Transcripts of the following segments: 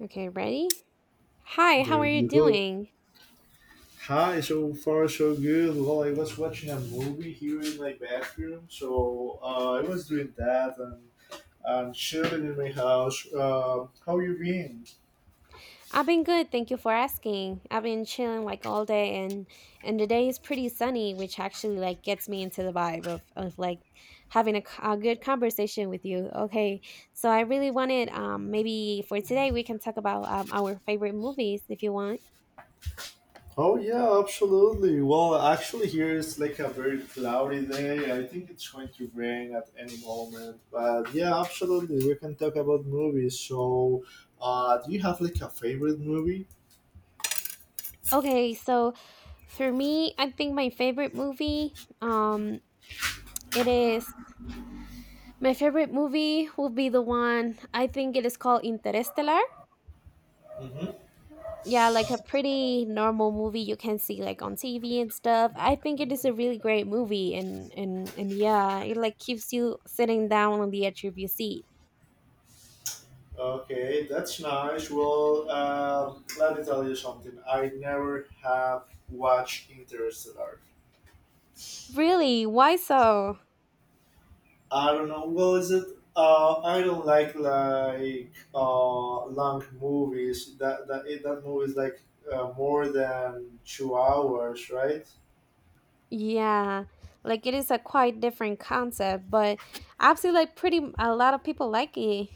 Okay, ready? Hi, how There are you you go. doing? Hi, so far so good. Well, I was watching a movie here in my bathroom, so I was doing that and chilling in my house. How you been? I've been good, thank you for asking. I've been chilling like all day and the day is pretty sunny, which actually like gets me into the vibe of like having a good conversation with you. Okay. So I really wanted, maybe for today we can talk about, our favorite movies if you want. Oh yeah, absolutely. Well, actually, here it's like a very cloudy day. I think it's going to rain at any moment. But yeah, absolutely, we can talk about movies. So, do you have like a favorite movie? Okay, so for me, I think my favorite movie, um it is my favorite movie will be the one I think it is called Interstellar. Yeah, like a pretty normal movie you can see like on TV and stuff. I think it is a really great movie and yeah, it like keeps you sitting down on the edge of your seat. Okay, that's nice. Well, let me tell you something. I never have watched Interstellar. Really? Why so? I don't know. Well, is it? I don't like long movies. That movie is like more than 2 hours, right? Yeah. Like it is a quite different concept, but I feel like pretty a lot of people like it.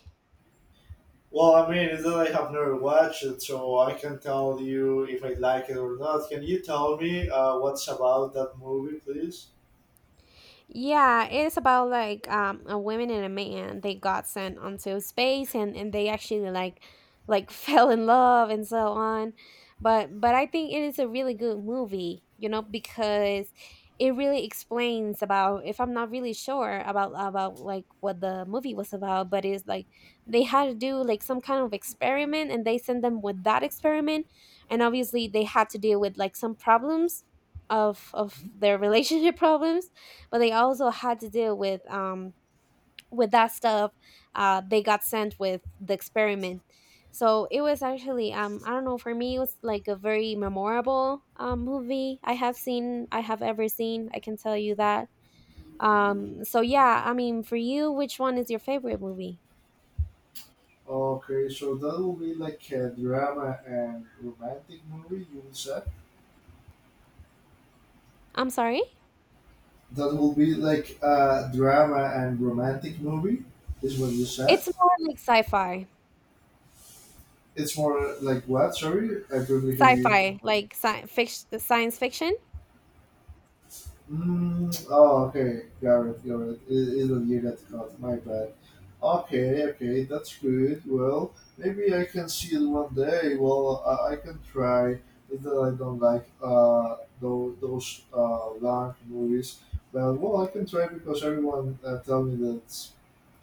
Well, I mean, is that I have never watched it, so I can tell you if I like it or not. Can you tell me what's about that movie, please? Yeah, it's about like, a woman and a man. They got sent onto space and they actually like fell in love and so on. But, I think it is a really good movie, because it really explains about if I'm not really sure about like what the movie was about, but it's like they had to do like some kind of experiment and they sent them with that experiment and obviously they had to deal with like some problems of their relationship problems but they also had to deal with that stuff. They got sent with the experiment. So it was actually, I don't know, for me it was like a very memorable, movie I have ever seen, I can tell you that. So yeah, I mean, for you, which one is your favorite movie? Okay, so that will be like a drama and romantic movie, you would say? I'm sorry. That will be like a drama and romantic movie, is what you said? It's more like sci-fi. It's more like what? Sorry, I couldn't hear you. Sci-fi, like, science fiction. Mm, oh, okay. Got it. Got it. It is a you that counts. My bad. Okay, okay. That's good. Well, maybe I can see it one day. Well, I can try. It's that I don't like those long movies, but well, I can try because everyone tell me that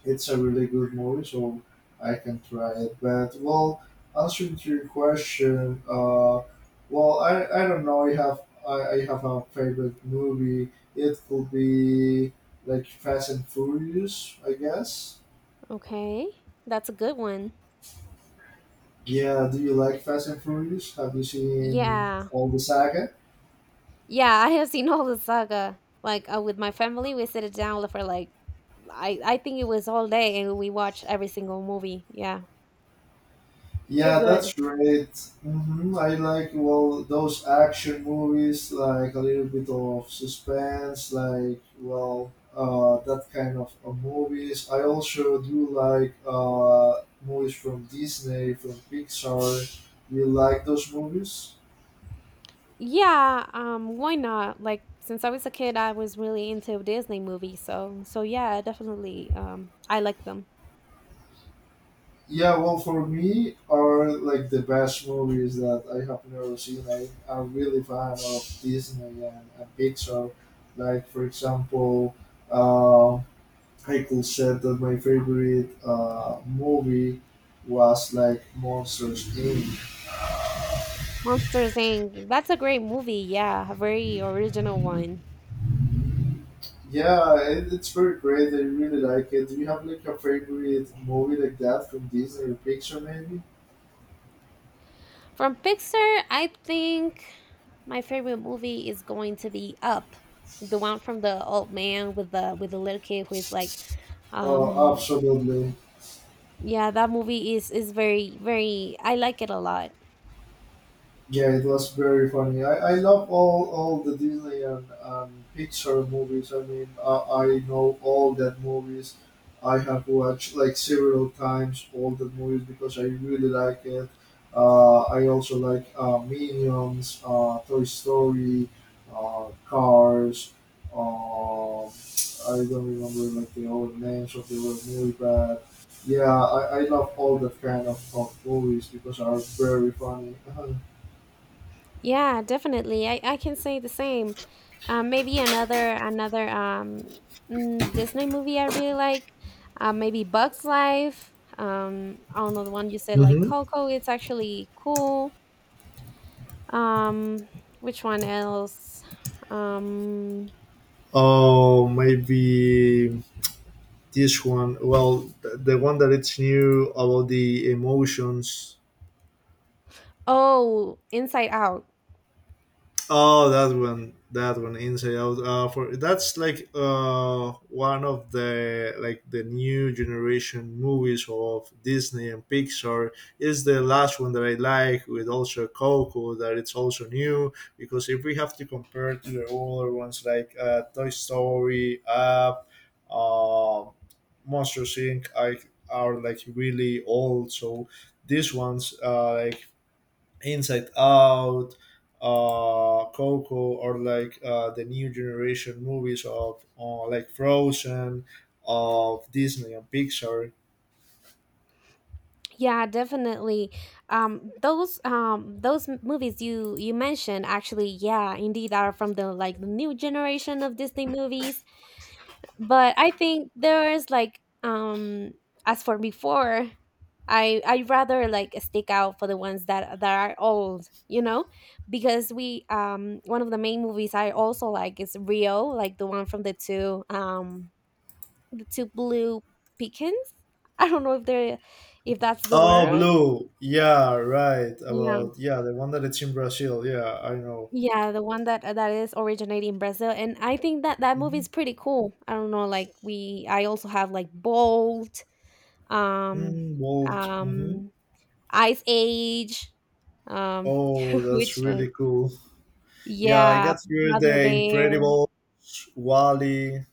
it's a really good movie, so I can try it. But well, answering to your question, well, I don't know. I have a favorite movie. It could be like Fast and Furious, I guess. Okay, that's a good one. Yeah. Do you like Fast and Furious? Have you seen Yeah. all the saga? Yeah, I have seen all the saga. Like, with my family, we sit it down for like I think it was all day, and we watch every single movie. Yeah, they're Yeah, that's good. right. I like well those action movies, like a little bit of suspense, like well that kind of movies. I also do like movies from Disney, from Pixar. You like those movies? Yeah, why not? Like since I was a kid, I was really into Disney movies. So yeah, definitely. I like them. Yeah, well, for me, are like the best movies that I have never seen. I am really fan of Disney and Pixar. Like for example. Um, Michael said that my favorite movie was like Monsters Inc. Monsters Inc. That's a great movie. Yeah, a very original one. Yeah, it's very great. I really like it. Do you have like a favorite movie like that from Disney or Pixar maybe? From Pixar, I think my favorite movie is going to be Up, the one from the old man with the little kid who is like, Oh, um, absolutely. yeah, that movie is very very. I like it a lot. Yeah, it was very funny. I love all the Disney and Pixar movies. I mean, I know all that movies. I have watched like several times all the movies because I really like it. I also like Minions, Toy Story, Cars. Um, I don't remember like the old names of the old movie, but yeah, I love all that kind of movies because are very funny. Yeah, definitely. I can say the same. Maybe another Disney movie I really like. Maybe Bugs Life. I don't know the one you said like Mm-hmm. Coco. It's actually cool. Um, which one else? Um, Oh, maybe this one. Well, the one that it's new about the emotions. oh, Inside Out. Oh, that one. That one, Inside Out. For that's like one of the like the new generation movies of Disney and Pixar. Is the last one that I like with also Coco that it's also new because if we have to compare to the older ones like Toy Story, Up, um Monsters Inc. Are like really old. So these ones like Inside Out, Coco, or like the new generation movies of like Frozen, of Disney and Pixar. Yeah, definitely. Those movies you mentioned actually, yeah, indeed are from the new generation of Disney movies. But I think there is like, as for before, I rather like stick out for the ones that are old, because we one of the main movies I also like is Rio, like the one from the two blue pickens. I don't know if that's the Oh, word. Blue. Yeah, right. Yeah. About yeah, the one that it's in Brazil. Yeah, I know. Yeah, the one that is originating in Brazil, and I think that movie Hmm. is pretty cool. I don't know, like, I also have like Bolt, um Mm, Walt. Hmm. um ice age, um Oh, that's which one? really cool. Yeah, I Yeah, got here brother the bear. Incredibles, Wally.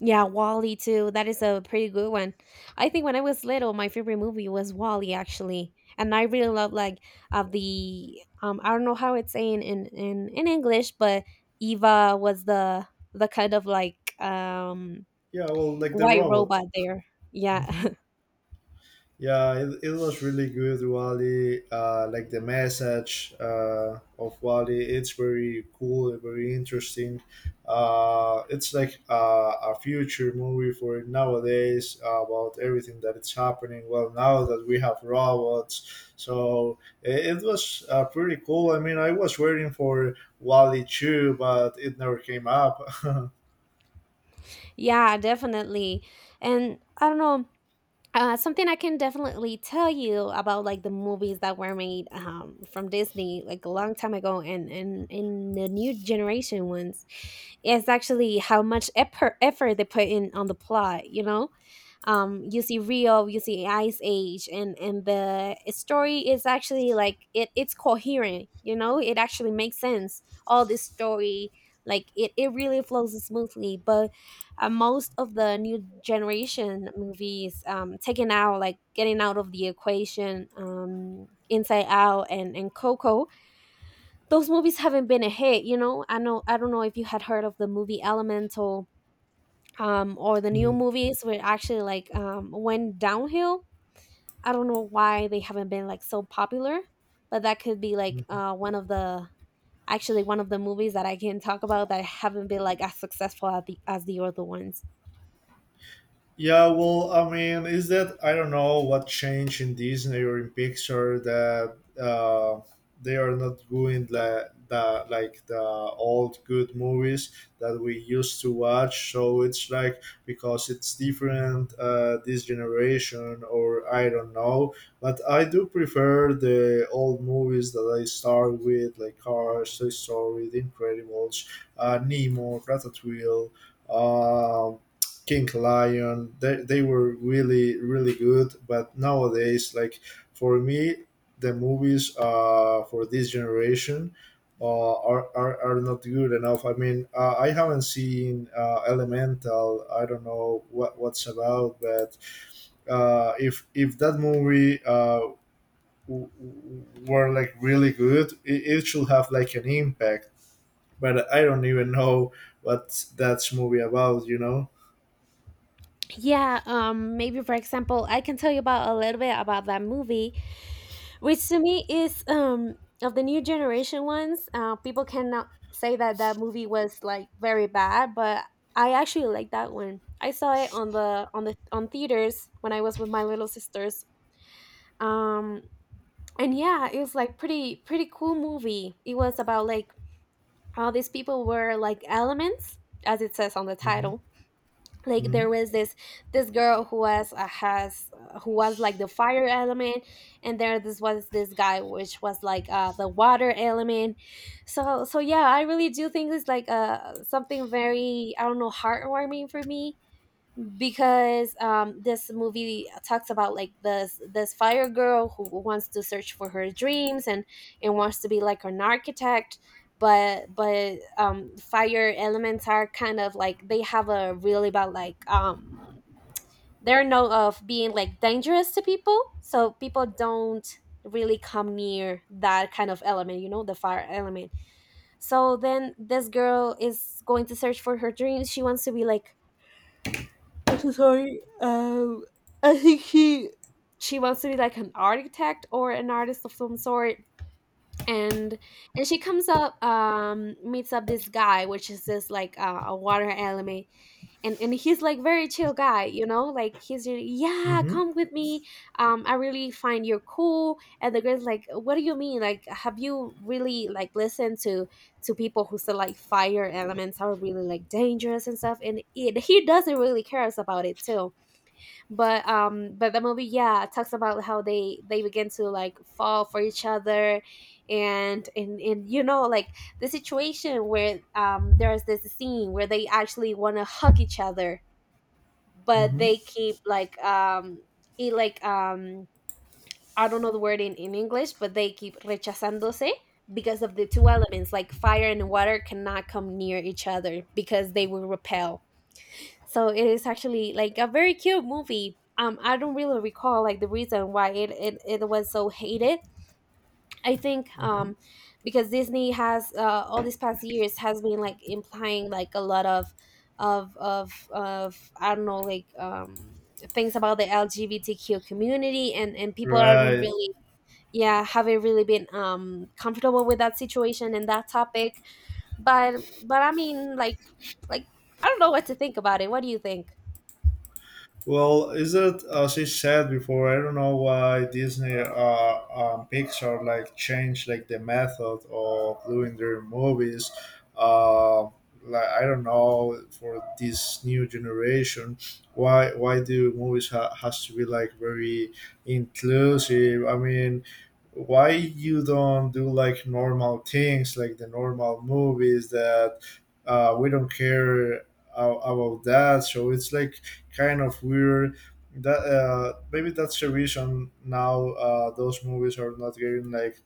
Yeah, wally too, that is a pretty good one. I think when I was little my favorite movie was wally, actually, and I really love, like, of the I don't know how it's saying in in english, but eva was the kind of like, Yeah, well, like the white robot. robot there. Hmm. Yeah. Yeah, it was really good, Wally. Like the message of Wally, it's very cool, and very interesting. It's like a future movie for nowadays about everything that is happening. Well, now that we have robots, so it was pretty cool. I mean, I was waiting for Wally 2, but it never came up. Yeah, definitely. And I don't know. Something I can definitely tell you about like the movies that were made, from Disney like a long time ago and in the new generation ones is actually how much effort they put in on the plot, you know? You see rio, you see ice age, and the story is actually like it's coherent, it actually makes sense all this story. Like, it really flows smoothly, but, most of the new generation movies, taking out like getting out of the equation, inside out and coco, those movies haven't been a hit, you know. I don't know if you had heard of the movie elemental. Or the new Mm. movies were actually, like, went downhill. I don't know why they haven't been like so popular, but that could be like, one of the actually one of the movies that I can talk about that haven't been like as successful as the other ones. Yeah, well, I mean, is that I don't know what changed in Disney or in Pixar that they are not doing the like the old good movies that we used to watch. So it's like because it's different this generation, or I don't know. But I do prefer the old movies that I start with, like Cars, Toy Story, The Incredibles, Nemo, Ratatouille. Um, King Lion. They were really really good. But nowadays, like for me, the movies for this generation are not good enough. I mean, I haven't seen Elemental. I don't know what's about, but if that movie. Were like really good it should have like an impact, but I don't even know what that's movie about. Yeah, maybe for example, I can tell you about a little bit about that movie. Which to me is, of the new generation ones. People cannot say that that movie was like very bad, but I actually like that one. I saw it on the, on theaters when I was with my little sisters. Um and yeah, it was like pretty pretty cool movie. It was about like how these people were, like, elements, as it says on the Hmm. title. Like, Hmm. there was this girl who was, has who was like the fire element. And there this was this guy which was like, the water element. So yeah, I really do think it's like, something very, I don't know, heartwarming for me, because, this movie talks about like this fire girl who wants to search for her dreams and wants to be like an architect. But, fire elements are kind of like they have a really bad, like, they're known of being like dangerous to people, so people don't really come near that kind of element, you know, the fire element. So then this girl is going to search for her dreams. She wants to be like... I'm so sorry. I think she wants to be like an architect or an artist of some sort. And and she comes up, meets up this guy which is this, like, a water element. And he's like very chill guy, like he's really, yeah, Hmm. come with me. I really find you're cool. And the girl's like, what do you mean? Like, have you really like listened to people who say like fire elements are really like dangerous and stuff, and he doesn't really cares about it too. But the movie, yeah, it talks about how they begin to like fall for each other, and you know, like, the situation where, there's this scene where they actually want to hug each other. But Mm-hmm. they keep, like, it like I don't know the word in english, but they keep rechazándose because of the two elements, like fire and water cannot come near each other because they will repel. So it is actually like a very cute movie, I don't really recall like the reason why it was so hated, I think. Mm-hmm. Because Disney has, all these past years has been like implying like a lot of I don't know, like, things about the LGBTQ community, and people aren't Right. really... Yeah, haven't really been, comfortable with that situation and that topic. But but, I mean, like, I don't know what to think about it. What do you think? Well, is it as I said before? I don't know why Disney Pixar like changed like the method of doing their movies. Uh, like I don't know for this new generation, why do movies has to be like very inclusive? I mean, why you don't do like normal things like the normal movies that we don't care about that? So it's like kind of weird. That maybe that's the reason now those movies are not getting like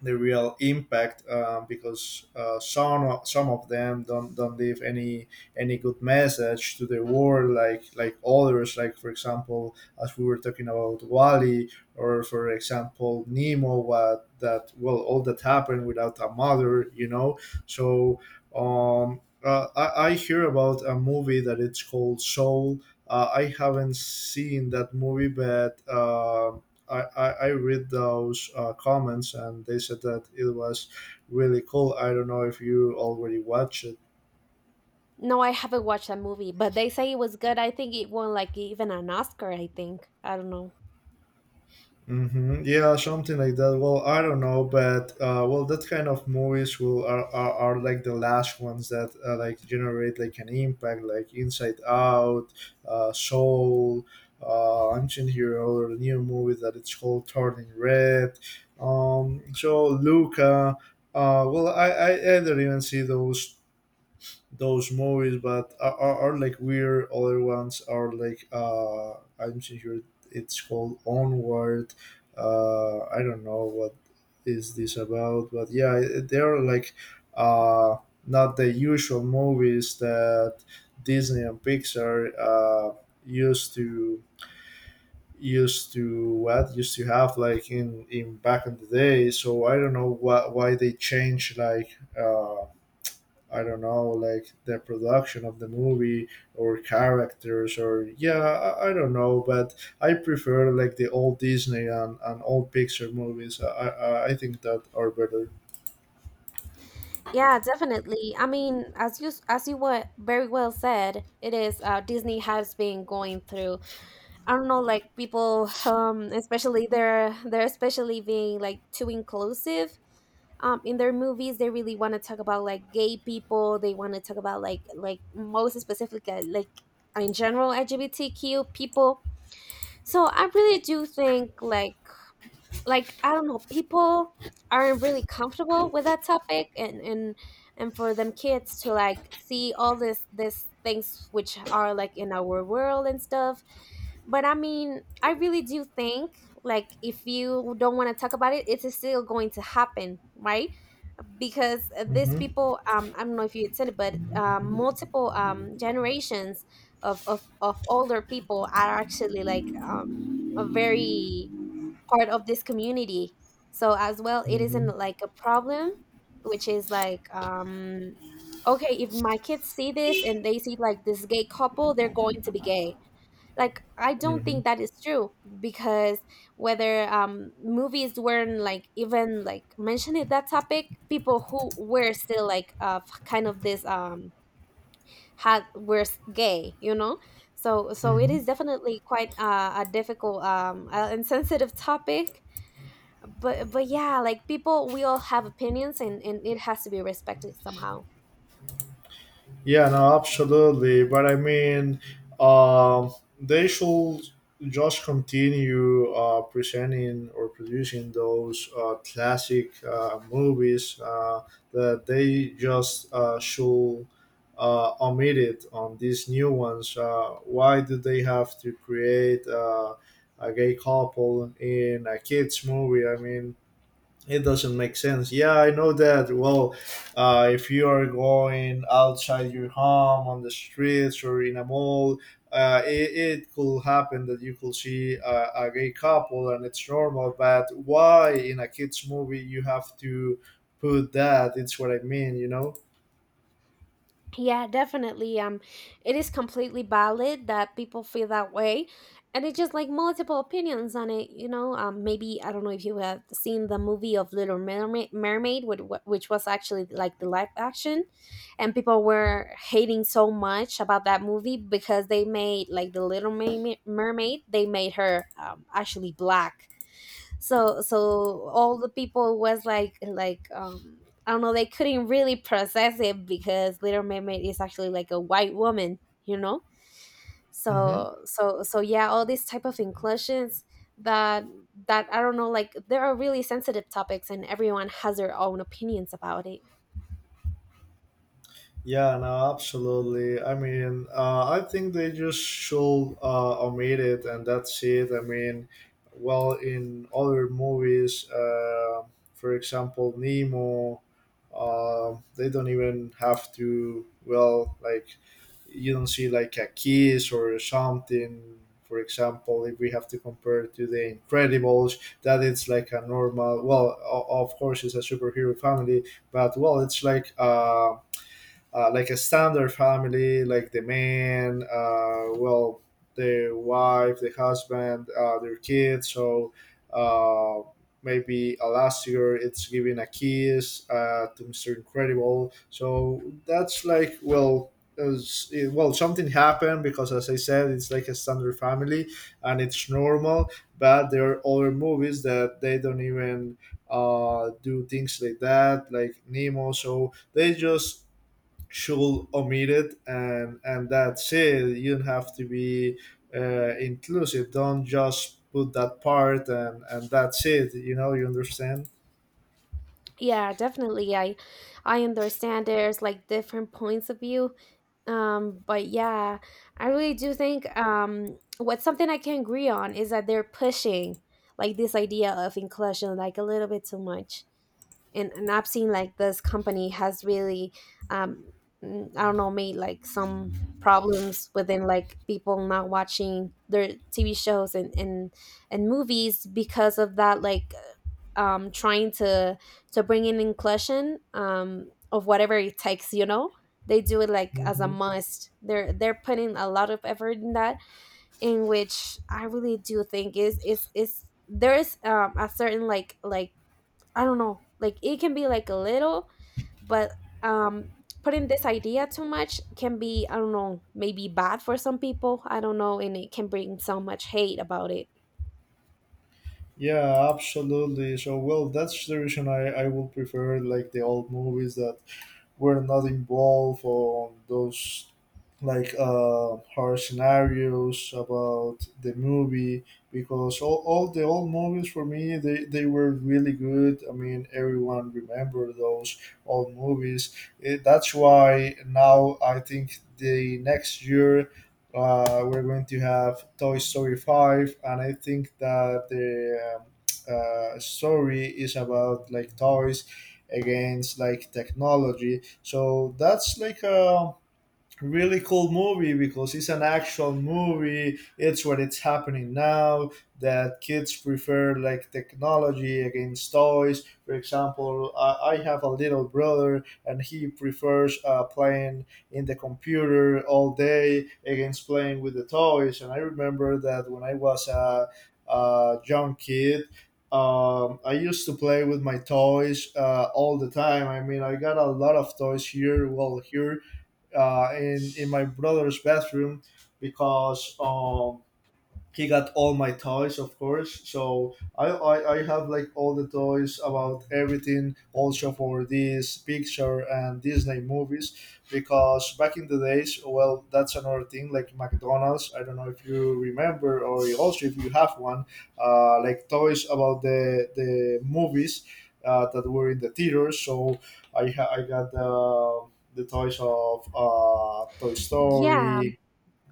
the real impact because some of them don't leave any good message to the world like others, like for example as we were talking about Wally, or for example Nemo, what that, well, all that happened without a mother, you know, so I hear about a movie that it's called Soul. I haven't seen that movie but. I read those comments and they said that it was really cool. I don't know if you already watched it. No, I haven't watched that movie, but they say it was good. I think it won like even an Oscar, I think. I don't know. Yeah, something like that. Well, I don't know, but well, that kind of movies are like the last ones that like generate like an impact, like Inside Out, Soul, Ancient Hero, or a new movie that it's called Turning Red. So Luca. Well, I didn't even see those movies, but are like weird. Other ones are like I'm sure it's called Onward. I don't know what is this about, but yeah, they are like uh, not the usual movies that Disney and Pixar used to used to have like in back in the day. So I don't know why they changed like. I don't know, like the production of the movie or characters or yeah, I don't know, but I prefer like the old Disney and old Pixar movies. I think that are better. Yeah, definitely. I mean, as you were very well said, it is, Disney has been going through, I don't know, like, people, especially, they're especially being like too inclusive, in their movies. They really want to talk about like gay people. They want to talk about, like, most specifically, like, in general LGBTQ people. So I really do think, like, I don't know, people aren't really comfortable with that topic, and for them kids to like see all this things which are like in our world and stuff. But I mean, I really do think, like, if you don't want to talk about it, it's still going to happen, right? Because, these Hmm. people, I don't know if you had said it, but, multiple generations of, older people are actually, like, a very part of this community. So as well, it Hmm. isn't like a problem, which is like, okay, if my kids see this and they see like this gay couple, they're going to be gay. Like I don't Hmm. think that is true because whether movies weren't like even like mentioning that topic, people who were still like kind of this had were gay. So it is Hmm. definitely quite a difficult and sensitive topic, but yeah, like people we all have opinions, and it has to be respected somehow. Yeah, no, absolutely. But I mean, um, they should just continue presenting or producing those classic movies that they just should omit it on these new ones. Why do they have to create a gay couple in a kids movie? I mean, it doesn't make sense. Yeah, I know that. Well, if you are going outside your home on the streets or in a mall, it could happen that you could see a gay couple and it's normal. But why in a kids movie you have to put that? It's what I mean, you know? Yeah, definitely. It is completely valid that people feel that way, and it's just like multiple opinions on it. Maybe I don't know if you have seen the movie of Little Mermaid, which was actually like the live action, and people were hating so much about that movie because they made like the Little Mermaid they made her actually black. So all the people was like I don't know, they couldn't really process it because little mermaid is actually like a white woman you know Hmm. So, yeah, all these type of inclusions that I don't know, like there are really sensitive topics and everyone has their own opinions about it. Yeah, no, absolutely. I mean, I think they just should omit it, and that's it. I mean, well, in other movies, for example, Nemo, they don't even have to. Well, like you don't see like a kiss or something. For example, if we have to compare to the Incredibles, that it's like a normal. Well, of course, it's a superhero family, but well, it's like. Like a standard family, like the man, well, the wife, the husband, their kids. So uh, maybe Elastigirl, it's giving a kiss to Mr. Incredible. So that's like, well, as it, well, something happened because, as I said, it's like a standard family and it's normal. But there are other movies that they don't even do things like that, like Nemo. So they just should omit it and that's it. You have to be inclusive, don't just put that part and that's it. You understand. Yeah, definitely. I understand there's like different points of view. But yeah, I really do think what's something I can agree on is that they're pushing like this idea of inclusion like a little bit too much. And I've seen like this company has really, um, I don't know, made like some problems within like people not watching their TV shows and movies because of that, like trying to bring in inclusion, of whatever it takes, you know? They do it like as a Hmm, must. They're putting a lot of effort in that, in which I really do think is there is a certain, like, I don't know, like it can be like a little, but, um putting this idea too much can be, I don't know, maybe bad for some people. I don't know, and it can bring so much hate about it. yeah, absolutely. So well, that's the reason I would prefer like the old movies that were not involved on those, like horror scenarios about the movie, because all the old movies for me, they were really good. I mean, everyone remember those old movies. That's why now I think the next year we're going to have Toy Story 5, and I think that the story is about like toys against like technology. So that's like a really cool movie, because it's an actual movie. It's what it's happening now, that kids prefer like technology against toys. For example, I have a little brother, and he prefers playing in the computer all day against playing with the toys. And I remember that when I was a young kid, I used to play with my toys all the time. I mean, I got a lot of toys here. Well, here in my brother's bathroom, because he got all my toys, of course. So I have like all the toys about everything, also for this picture and Disney movies. Because back in the days, well, that's another thing, like McDonald's. I don't know if you remember, or also if you have one like toys about the movies that were in the theaters. So I got the toys of Toy Yeah Story.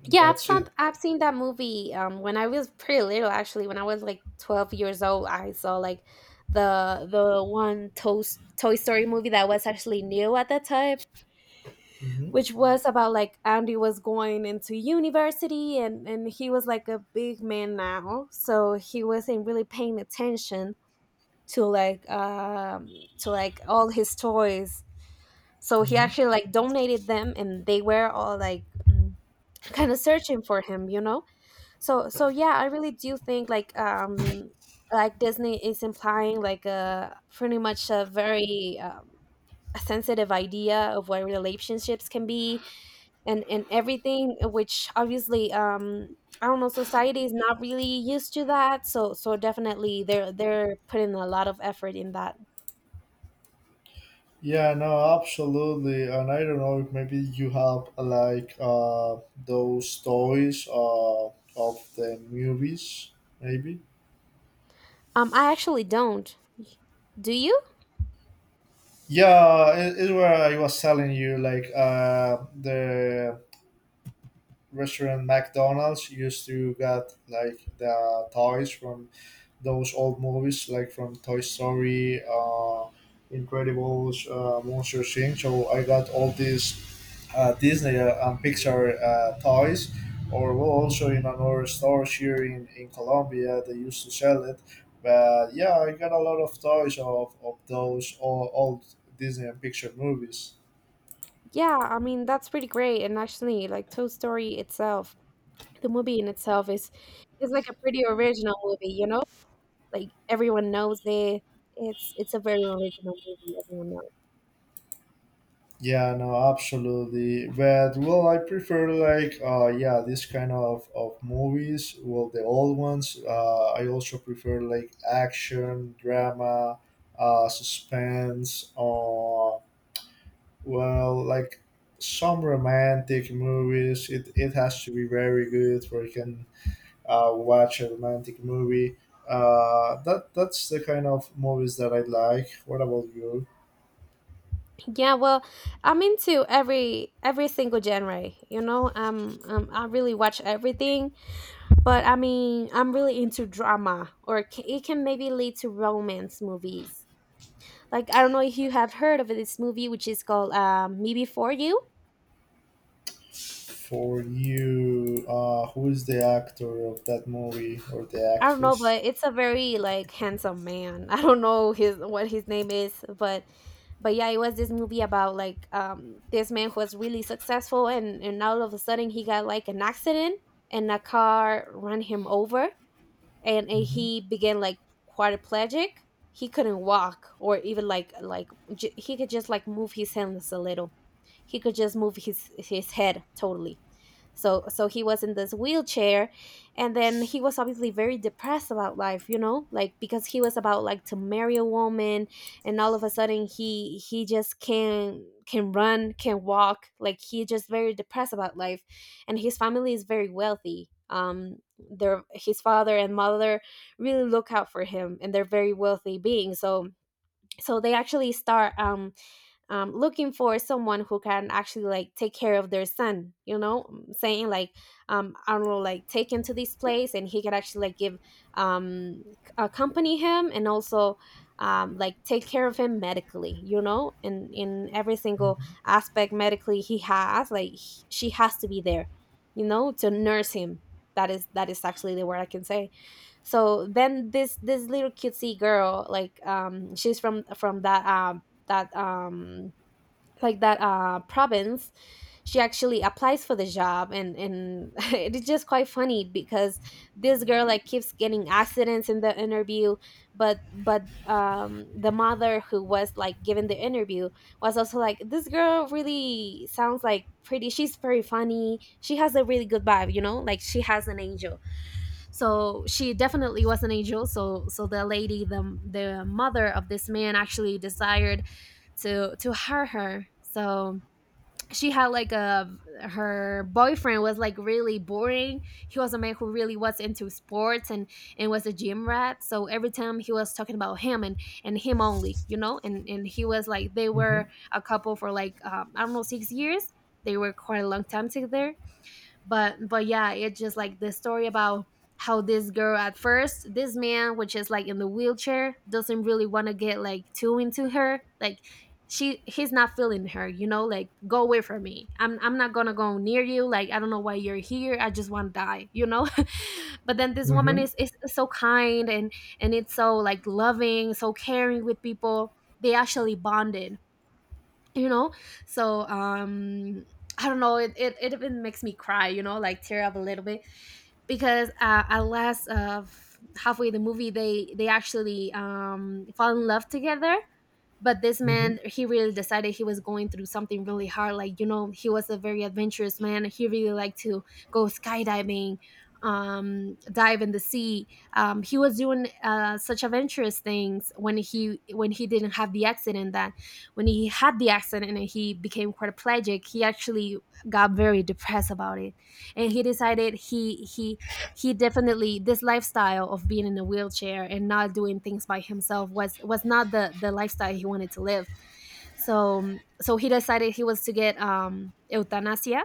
Yeah. I've That's seen it. I've seen that movie when I was pretty little, actually when I was like 12 years old I saw like the one Toy Story movie that was actually new at that time, Hmm. which was about like Andy was going into university and he was like a big man now, so he wasn't really paying attention to like all his toys, so he Hmm. actually like donated them and they were all like kind of searching for him. So, yeah, I really do think like Disney is implying like a pretty much a very a sensitive idea of what relationships can be and everything, which obviously I don't know, society is not really used to that, so definitely they're putting a lot of effort in that. Yeah, no, absolutely. And I don't know if maybe you have those toys of the movies, maybe. I actually don't. Do you? Yeah, it's where I was telling you, like the restaurant McDonald's used to get like the toys from those old movies, like from Toy Story, Incredibles, Monster Inc. So I got all these Disney and Pixar toys. Or well, also in another store here in Colombia, they used to sell it. But yeah, I got a lot of toys of those old, old Disney and Pixar movies. Yeah, I mean that's pretty great, and actually like Toy Story itself, the movie in itself is like a pretty original movie, you know? Like everyone knows it. It's a very original movie, everyone knows. Yeah, no, absolutely. But well, I prefer like yeah, this kind of movies. Well, the old ones. I also prefer like action, drama, suspense, or well, like some romantic movies. It has to be very good, where you can watch a romantic movie. That's the kind of movies that I like. What about you? Yeah, well, I'm into every single genre. I really watch everything, but I mean, I'm really into drama, or it can maybe lead to romance movies. Like I don't know if you have heard of this movie, which is called Me Before You. For you, who is the actor of that movie or the I don't know, actress? but it's a very like handsome man. I don't know his what his name is, but, yeah, it was this movie about like this man who was really successful and all of a sudden he got like an accident and a car ran him over, and Hmm. he began like quadriplegic. He couldn't walk or even like he could just like move his hands a little. He could just move his head totally, so he was in this wheelchair. And then he was obviously very depressed about life, like because he was about like to marry a woman, and all of a sudden he just can run, can walk. Like he just very depressed about life. And his family is very wealthy, their his father and mother really look out for him, and they're very wealthy beings, so they actually start, looking for someone who can actually like take care of their son. Saying like, I don't know, like take him to this place and he can actually like give, accompany him and also, like take care of him medically, in every Hmm. single aspect. Medically he has like she has to be there, to nurse him. That is actually the word I can say. So then this little cutesy girl, like she's from that um that province. She actually applies for the job, and it's just quite funny because this girl like keeps getting accidents in the interview. But the mother who was like given the interview was also like, this girl really sounds like pretty, she's very funny, she has a really good vibe, like she has an angel, so she definitely was an angel. So the lady, the mother of this man actually desired to hire her. So she had like a her boyfriend was like really boring. He was a man who really was into sports and was a gym rat, so every time he was talking about him and him only, and he was like, they Hmm. were a couple for like I don't know, 6 years. They were quite a long time together. But, yeah, it's just like the story about how this girl at first, this man which is like in the wheelchair doesn't really want to get like too into her, like she he's not feeling her, like, go away from me, I'm, not gonna go near you, like I don't know why you're here, I just want to die. But then this woman Hmm. is so kind, and it's so like loving, so caring with people. They actually bonded, you know so, I don't know, it even makes me cry, like tear up a little bit because, at last of halfway the movie they actually fall in love together. But this Hmm. man, he really decided he was going through something really hard, like he was a very adventurous man, he really liked to go skydiving, dive in the sea. He was doing such adventurous things when he didn't have the accident. That when he had the accident and he became quadriplegic, he actually got very depressed about it. And he decided, he definitely, this lifestyle of being in a wheelchair and not doing things by himself was not the lifestyle he wanted to live. So he decided he was to get euthanasia.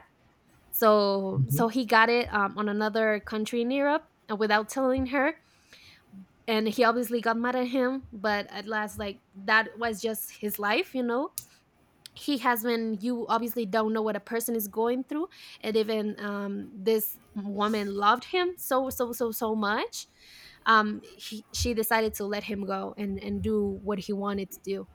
So Hmm. he got it, on another country in Europe, without telling her. And he obviously got mad at him, but at last like that was just his life. He has When you obviously don't know what a person is going through, and even, this woman loved him so so so so much, she decided to let him go and do what he wanted to do.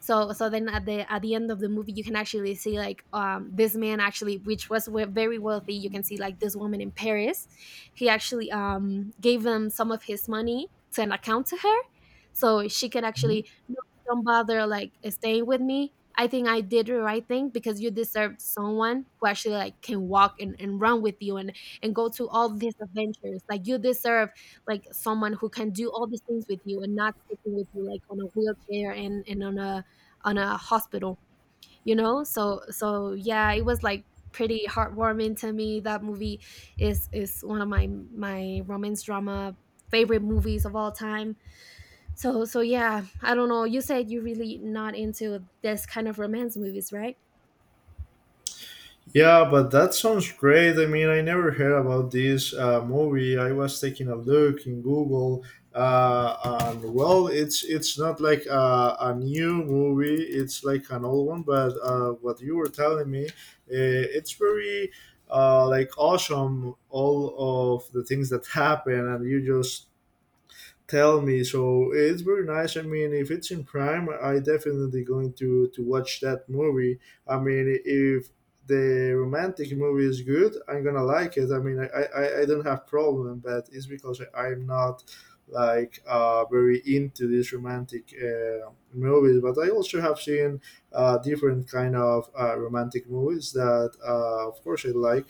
So then, at the end of the movie, you can actually see like this man, actually, which was very wealthy, you can see like this woman in Paris, he actually gave them some of his money to an account to her, so she can Hmm. actually, no, don't bother like staying with me, I think I did the right thing because you deserve someone who actually like can walk, and run with you and go to all these adventures like you deserve, like someone who can do all these things with you and not sticking with you like on a wheelchair and on a, on a hospital, so, yeah, it was like pretty heartwarming to me. That movie is one of my romance drama favorite movies of all time. So, yeah, I don't know, you said you really not into this kind of romance movies, right? Yeah, but that sounds great. I mean, I never heard about this movie. I was taking a look in Google, and well, it's not like a new movie. It's like an old one. But what you were telling me, it's very like awesome. All of the things that happen, and you just tell me, so it's very nice. I mean, if it's in Prime, I definitely going to watch that movie. I mean, if the romantic movie is good, I'm gonna like it. I mean, I don't have problem, but it's because I'm not like very into these romantic movies. But I also have seen different kind of romantic movies that, of course, I like.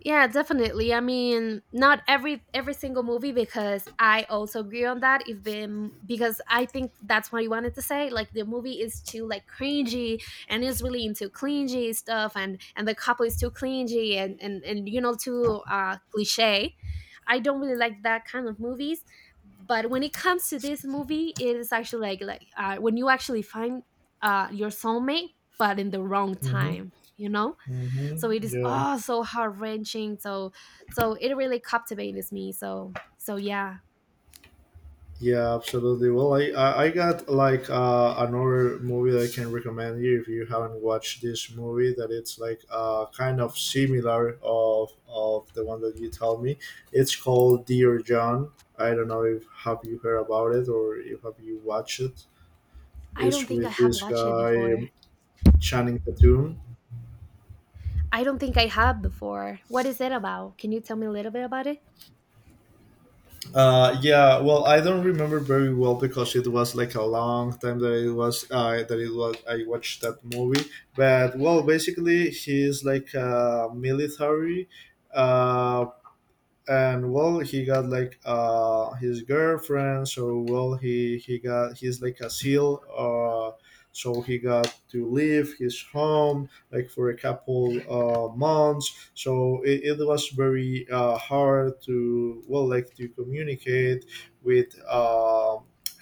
Yeah, definitely. I mean, not every single movie because I also agree on that. If the Because I think that's what you wanted to say. Like the movie is too like cringy and is really into clingy stuff, and the couple is too clingy and too cliche. I don't really like that kind of movies. But when it comes to this movie, it is actually like when you actually find your soulmate, but in the wrong Mm-hmm. time. You know. So it Mm-hmm. is Yeah. all so heart wrenching. So it really captivated me. So yeah. Yeah, absolutely. Well, I got like another movie that I can recommend you, if you haven't watched this movie. That it's like kind of similar of the one that you told me. It's called Dear John. I don't know if have you heard about it, or if have you watched it. I don't It's think I with have this watched it guy before. Channing Tatum. I don't think I have before. What is it about? Can you tell me a little bit about it? Yeah, well, I don't remember very well, because it was like a long time that it was I watched that movie. But well, basically, he's like a military, uh, and well, he got like his girlfriend. So well, he's like a SEAL, so he got to leave his home like for a couple months. So it was very hard to, well, like to communicate with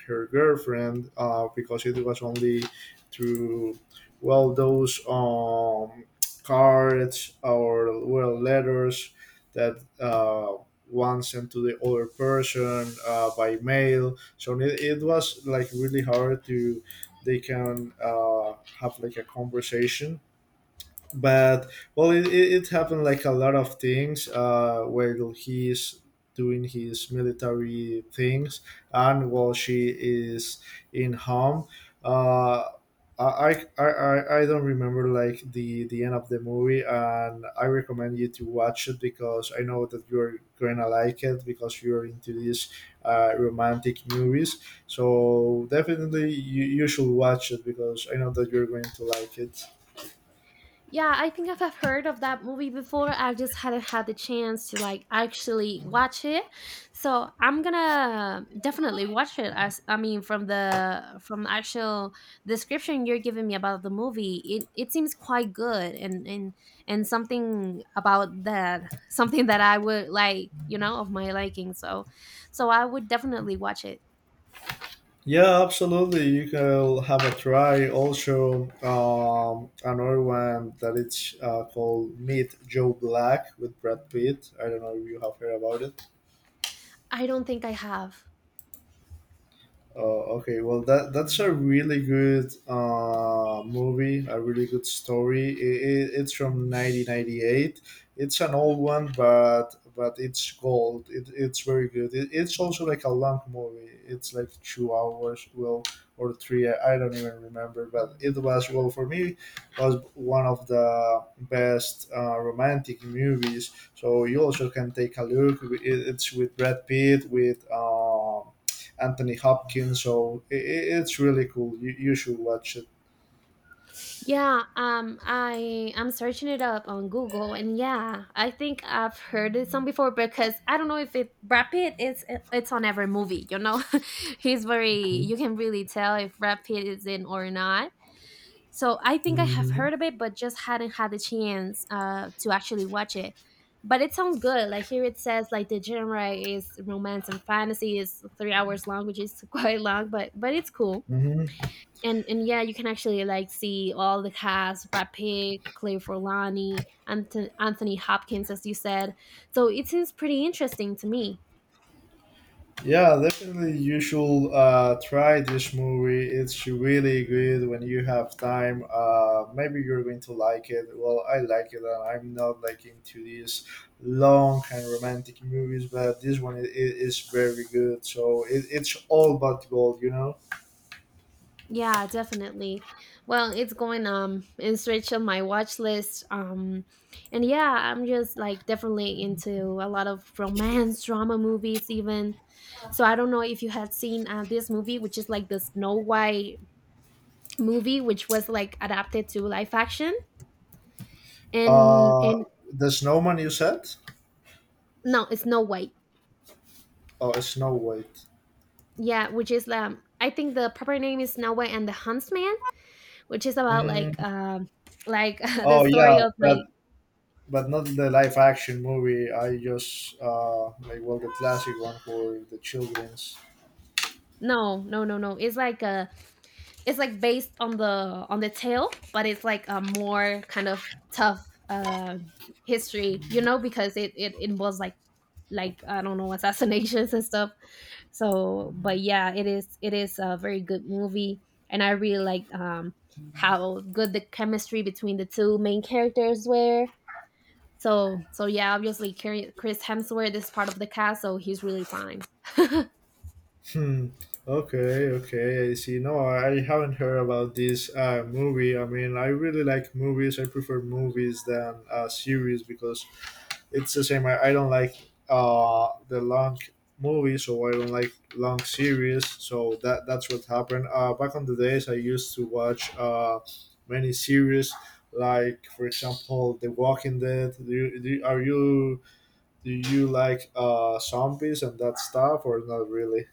her girlfriend, because it was only through, well, those cards or, well, letters that one sent to the other person by mail. So it was like really hard to they can have like a conversation. But well, it happened like a lot of things while he's doing his military things, and while she is in home. uh I don't remember like the end of the movie, and I recommend you to watch it, because I know that you're gonna like it, because you're into these romantic movies. So definitely you should watch it, because I know that you're going to like it. Yeah, I think I've heard of that movie before. I just hadn't had the chance to like actually watch it. So I'm gonna definitely watch it as I mean from the actual description you're giving me about the movie, it seems quite good and something about that something that I would like, you know, of my liking. So I would definitely watch it. Yeah, absolutely. You can have a try. Also, another one that it's called Meet Joe Black, with Brad Pitt. I don't know if you have heard about it. I don't think I have. Oh, okay. Well, that's a really good movie, a really good story. It's from 1998. It's an old one, but it's gold. It's very good. It's also like a long movie. It's like 2 hours, well, or three. I don't even remember, but it was, well, for me was one of the best romantic movies. So you also can take a look. It's with Brad Pitt with. Anthony Hopkins. So it's really cool. You should watch it. Yeah, I I'm searching it up on Google, and yeah, I think I've heard this song before because I don't know if it Brad Pitt is it's on every movie, you know, he's very Mhm. you can really tell if Brad Pitt is in or not. So I think I have Mhm. heard of it, but just hadn't had the chance to actually watch it. But it sounds good. Like here it says, like the genre is romance and fantasy is 3 hours long, which is quite long, but it's cool Mhm. and yeah, you can actually like see all the cast: Brad Pitt, Claire Forlani, Anthony Hopkins, as you said. So it seems pretty interesting to me. Yeah, definitely. You should try this movie. It's really good when you have time. Maybe you're going to like it. Well, I like it, and I'm not like into these long and romantic movies, but this one is very good. So it's all about gold, you know. Yeah, definitely. Well, it's going it's rich on my watch list. And yeah, I'm just like definitely into a lot of romance drama movies even. So I don't know if you had seen this movie which is like the Snow White movie which was like adapted to live action and Uh, and the snowman you said? no, it's Snow White. Oh, it's Snow White. Yeah, which is I think the proper name is Snow White and the Huntsman, which is about Mm, like the oh story yeah, of like but not the live action movie. I just like, well, the classic one for the children's. no, no, no, no, it's like it's like based on the tale, but it's like a more kind of tough history, you know, because it was like I don't know assassinations and stuff. So but yeah, it is a very good movie and I really liked how good the chemistry between the two main characters were. So yeah, obviously Chris Hemsworth is part of the cast, so he's really fine. Hmm. Okay. Okay. I see. No, I haven't heard about this movie. I mean, I really like movies. I prefer movies than series, because it's the same. I don't like the long movies, so I don't like long series. So that that's what happened. Back on the days, I used to watch many series, like for example, The Walking Dead. Do you like zombies and that stuff, or not really?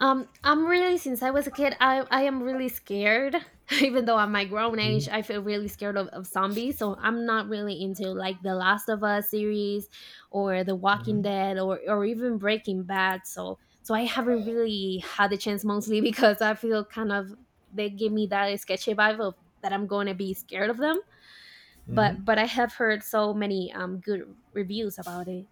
I'm really since I was a kid, I am really scared. Even though I'm my grown Hmm. age, I feel really scared of zombies. So I'm not really into like the Last of Us series, or The Walking Hmm. Dead, or even Breaking Bad. So I haven't really had the chance, mostly because I feel kind of they give me that sketchy vibe of that I'm going to be scared of them. But I have heard so many good reviews about it.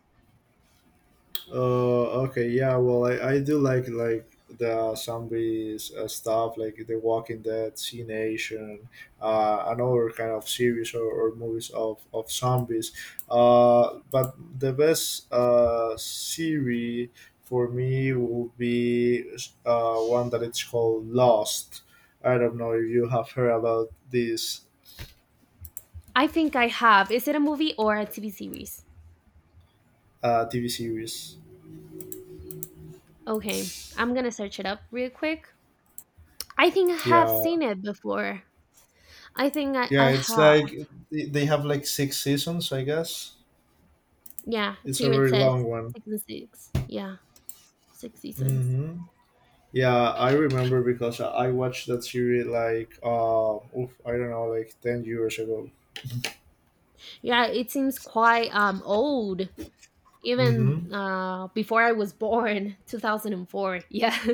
Okay, yeah. Well, I do like the zombies stuff, like The Walking Dead, C Nation, another kind of series, or movies of zombies. But the best series for me would be one that it's called Lost. I don't know if you have heard about this I think I have. Is it a movie or a TV series? TV series. Okay, I'm gonna search it up real quick. I think I have Yeah, seen it before. I think yeah. I It's have. like they have like six seasons, I guess. Yeah, It's a here it very says long one. six and six. Yeah, six seasons. Hmm. Yeah, I remember, because I watched that series like oof, I don't know, like 10 years ago. Yeah, it seems quite old, even Mm-hmm. Before I was born, 2004. Yeah.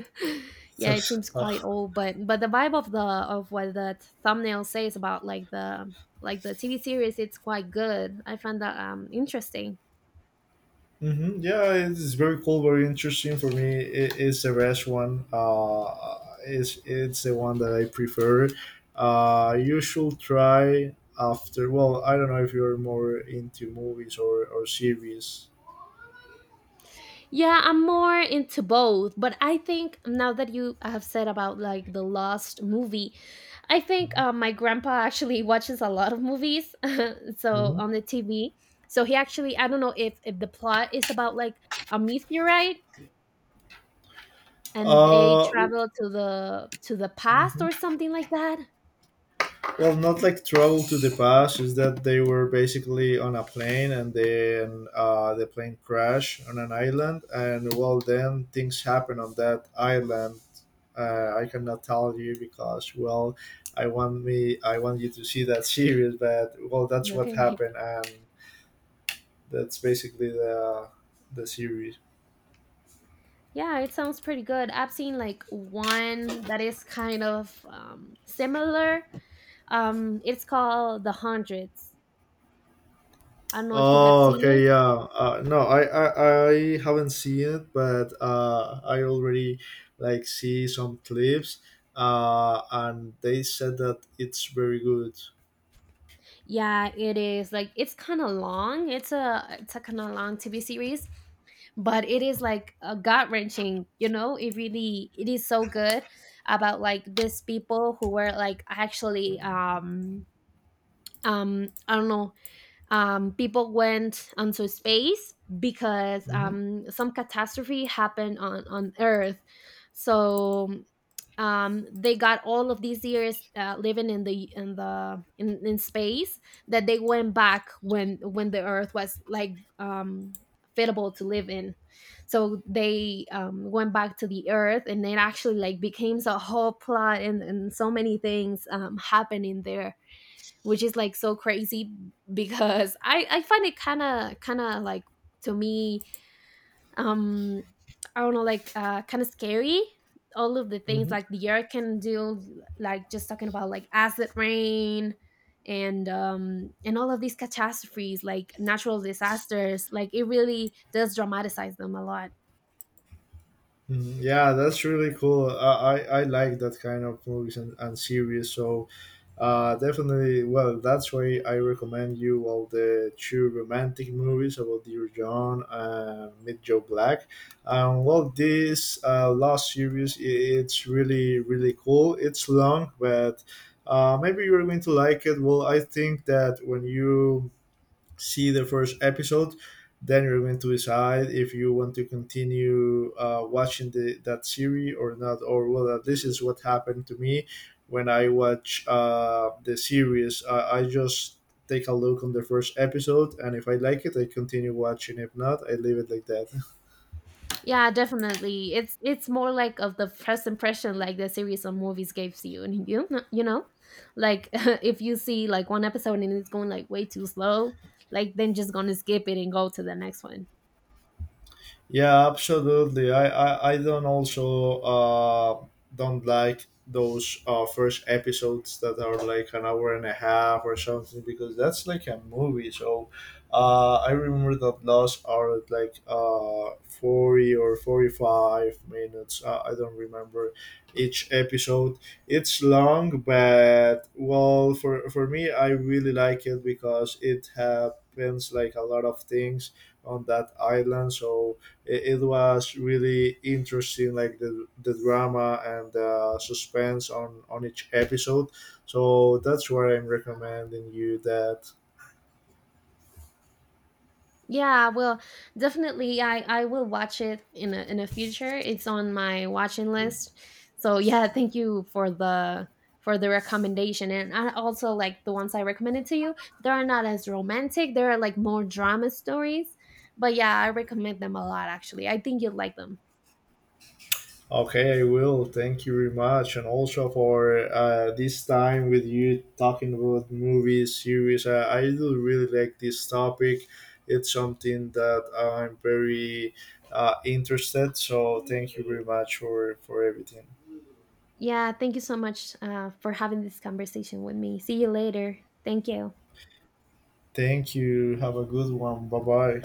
Yeah, it seems quite old, but the vibe of the of what the thumbnail says about like the TV series, it's quite good. I find that interesting. Hmm. Yeah, it's very cool, very interesting for me. It's the best one. It's the one that I prefer. You should try after. Well, I don't know if you're more into movies or series. Yeah, I'm more into both, but I think now that you have said about like the Lost movie, I think my grandpa actually watches a lot of movies, so Mm-hmm. on the TV. So he actually, I don't know if the plot is about like a meteorite and they Uh, travel to the past mhm. or something like that. Well, not like travel to the past. Is that they were basically on a plane, and then the plane crashed on an island, and well, then things happen on that island. I cannot tell you, because well, I want you to see that series, but well, that's what Okay. happened, and that's basically the series. Yeah, it sounds pretty good. I've seen like one that is kind of similar. It's called The Hundreds. I don't know if you had Oh, seen okay, it. yeah. No, I haven't seen it, but I already like see some clips, and they said that it's very good. Yeah, it is like it's kind of long. It's a kind of long TV series, but it is like a gut wrenching. You know, it really it is so good about like these people who were like actually I don't know people went onto space because Mm-hmm. Some catastrophe happened on Earth. So they got all of these years living in in space that they went back when the earth was like fitable to live in, so they went back to the earth and it actually like became a whole plot and so many things happening there, which is like so crazy because I find it kind of like to me um I don't know, like kind of scary all of the things Mm-hmm. like the earth can do, like just talking about like acid rain and all of these catastrophes like natural disasters, like it really does dramatize them a lot. Mhm. Yeah, that's really cool. I like that kind of movies and series. So, definitely, well, that's why I recommend you all the two romantic movies about Dear John and Meet Joe Black. Well, this last series, it's really, really cool. It's long, but maybe you're going to like it. Well, I think that when you see the first episode, then you're going to decide if you want to continue watching that series or not. Or well, this is what happened to me when I watch the series. I just take a look on the first episode, and if I like it, I continue watching. If not, I leave it like that. Yeah, definitely, it's more like of the first impression like the series of movies gives you, and you know like if you see like one episode and it's going like way too slow, like then just gonna skip it and go to the next one. Yeah, absolutely. I don't also don't like those first episodes that are like an hour and a half or something, because that's like a movie. So I remember that Lost are at like 40 or 45 minutes. I don't remember each episode. It's long, but well for me I really like it, because it happens like a lot of things on that island. So it was really interesting, like the drama and the suspense on each episode. So that's why I'm recommending you that. Yeah, well, definitely I will watch it in the future. It's on my watching list. So yeah, thank you for the recommendation. And I also like the ones I recommended to you. They're not as romantic. They're like more drama stories. But yeah, I recommend them a lot actually. I think you'll like them. Okay, I will. Thank you very much, and also for this time with you talking about movies, series. Uh, I do really like this topic. It's something that I'm very interested. So thank you very much for everything. Yeah, thank you so much for having this conversation with me. See you later. Thank you. Thank you. Have a good one. Bye bye.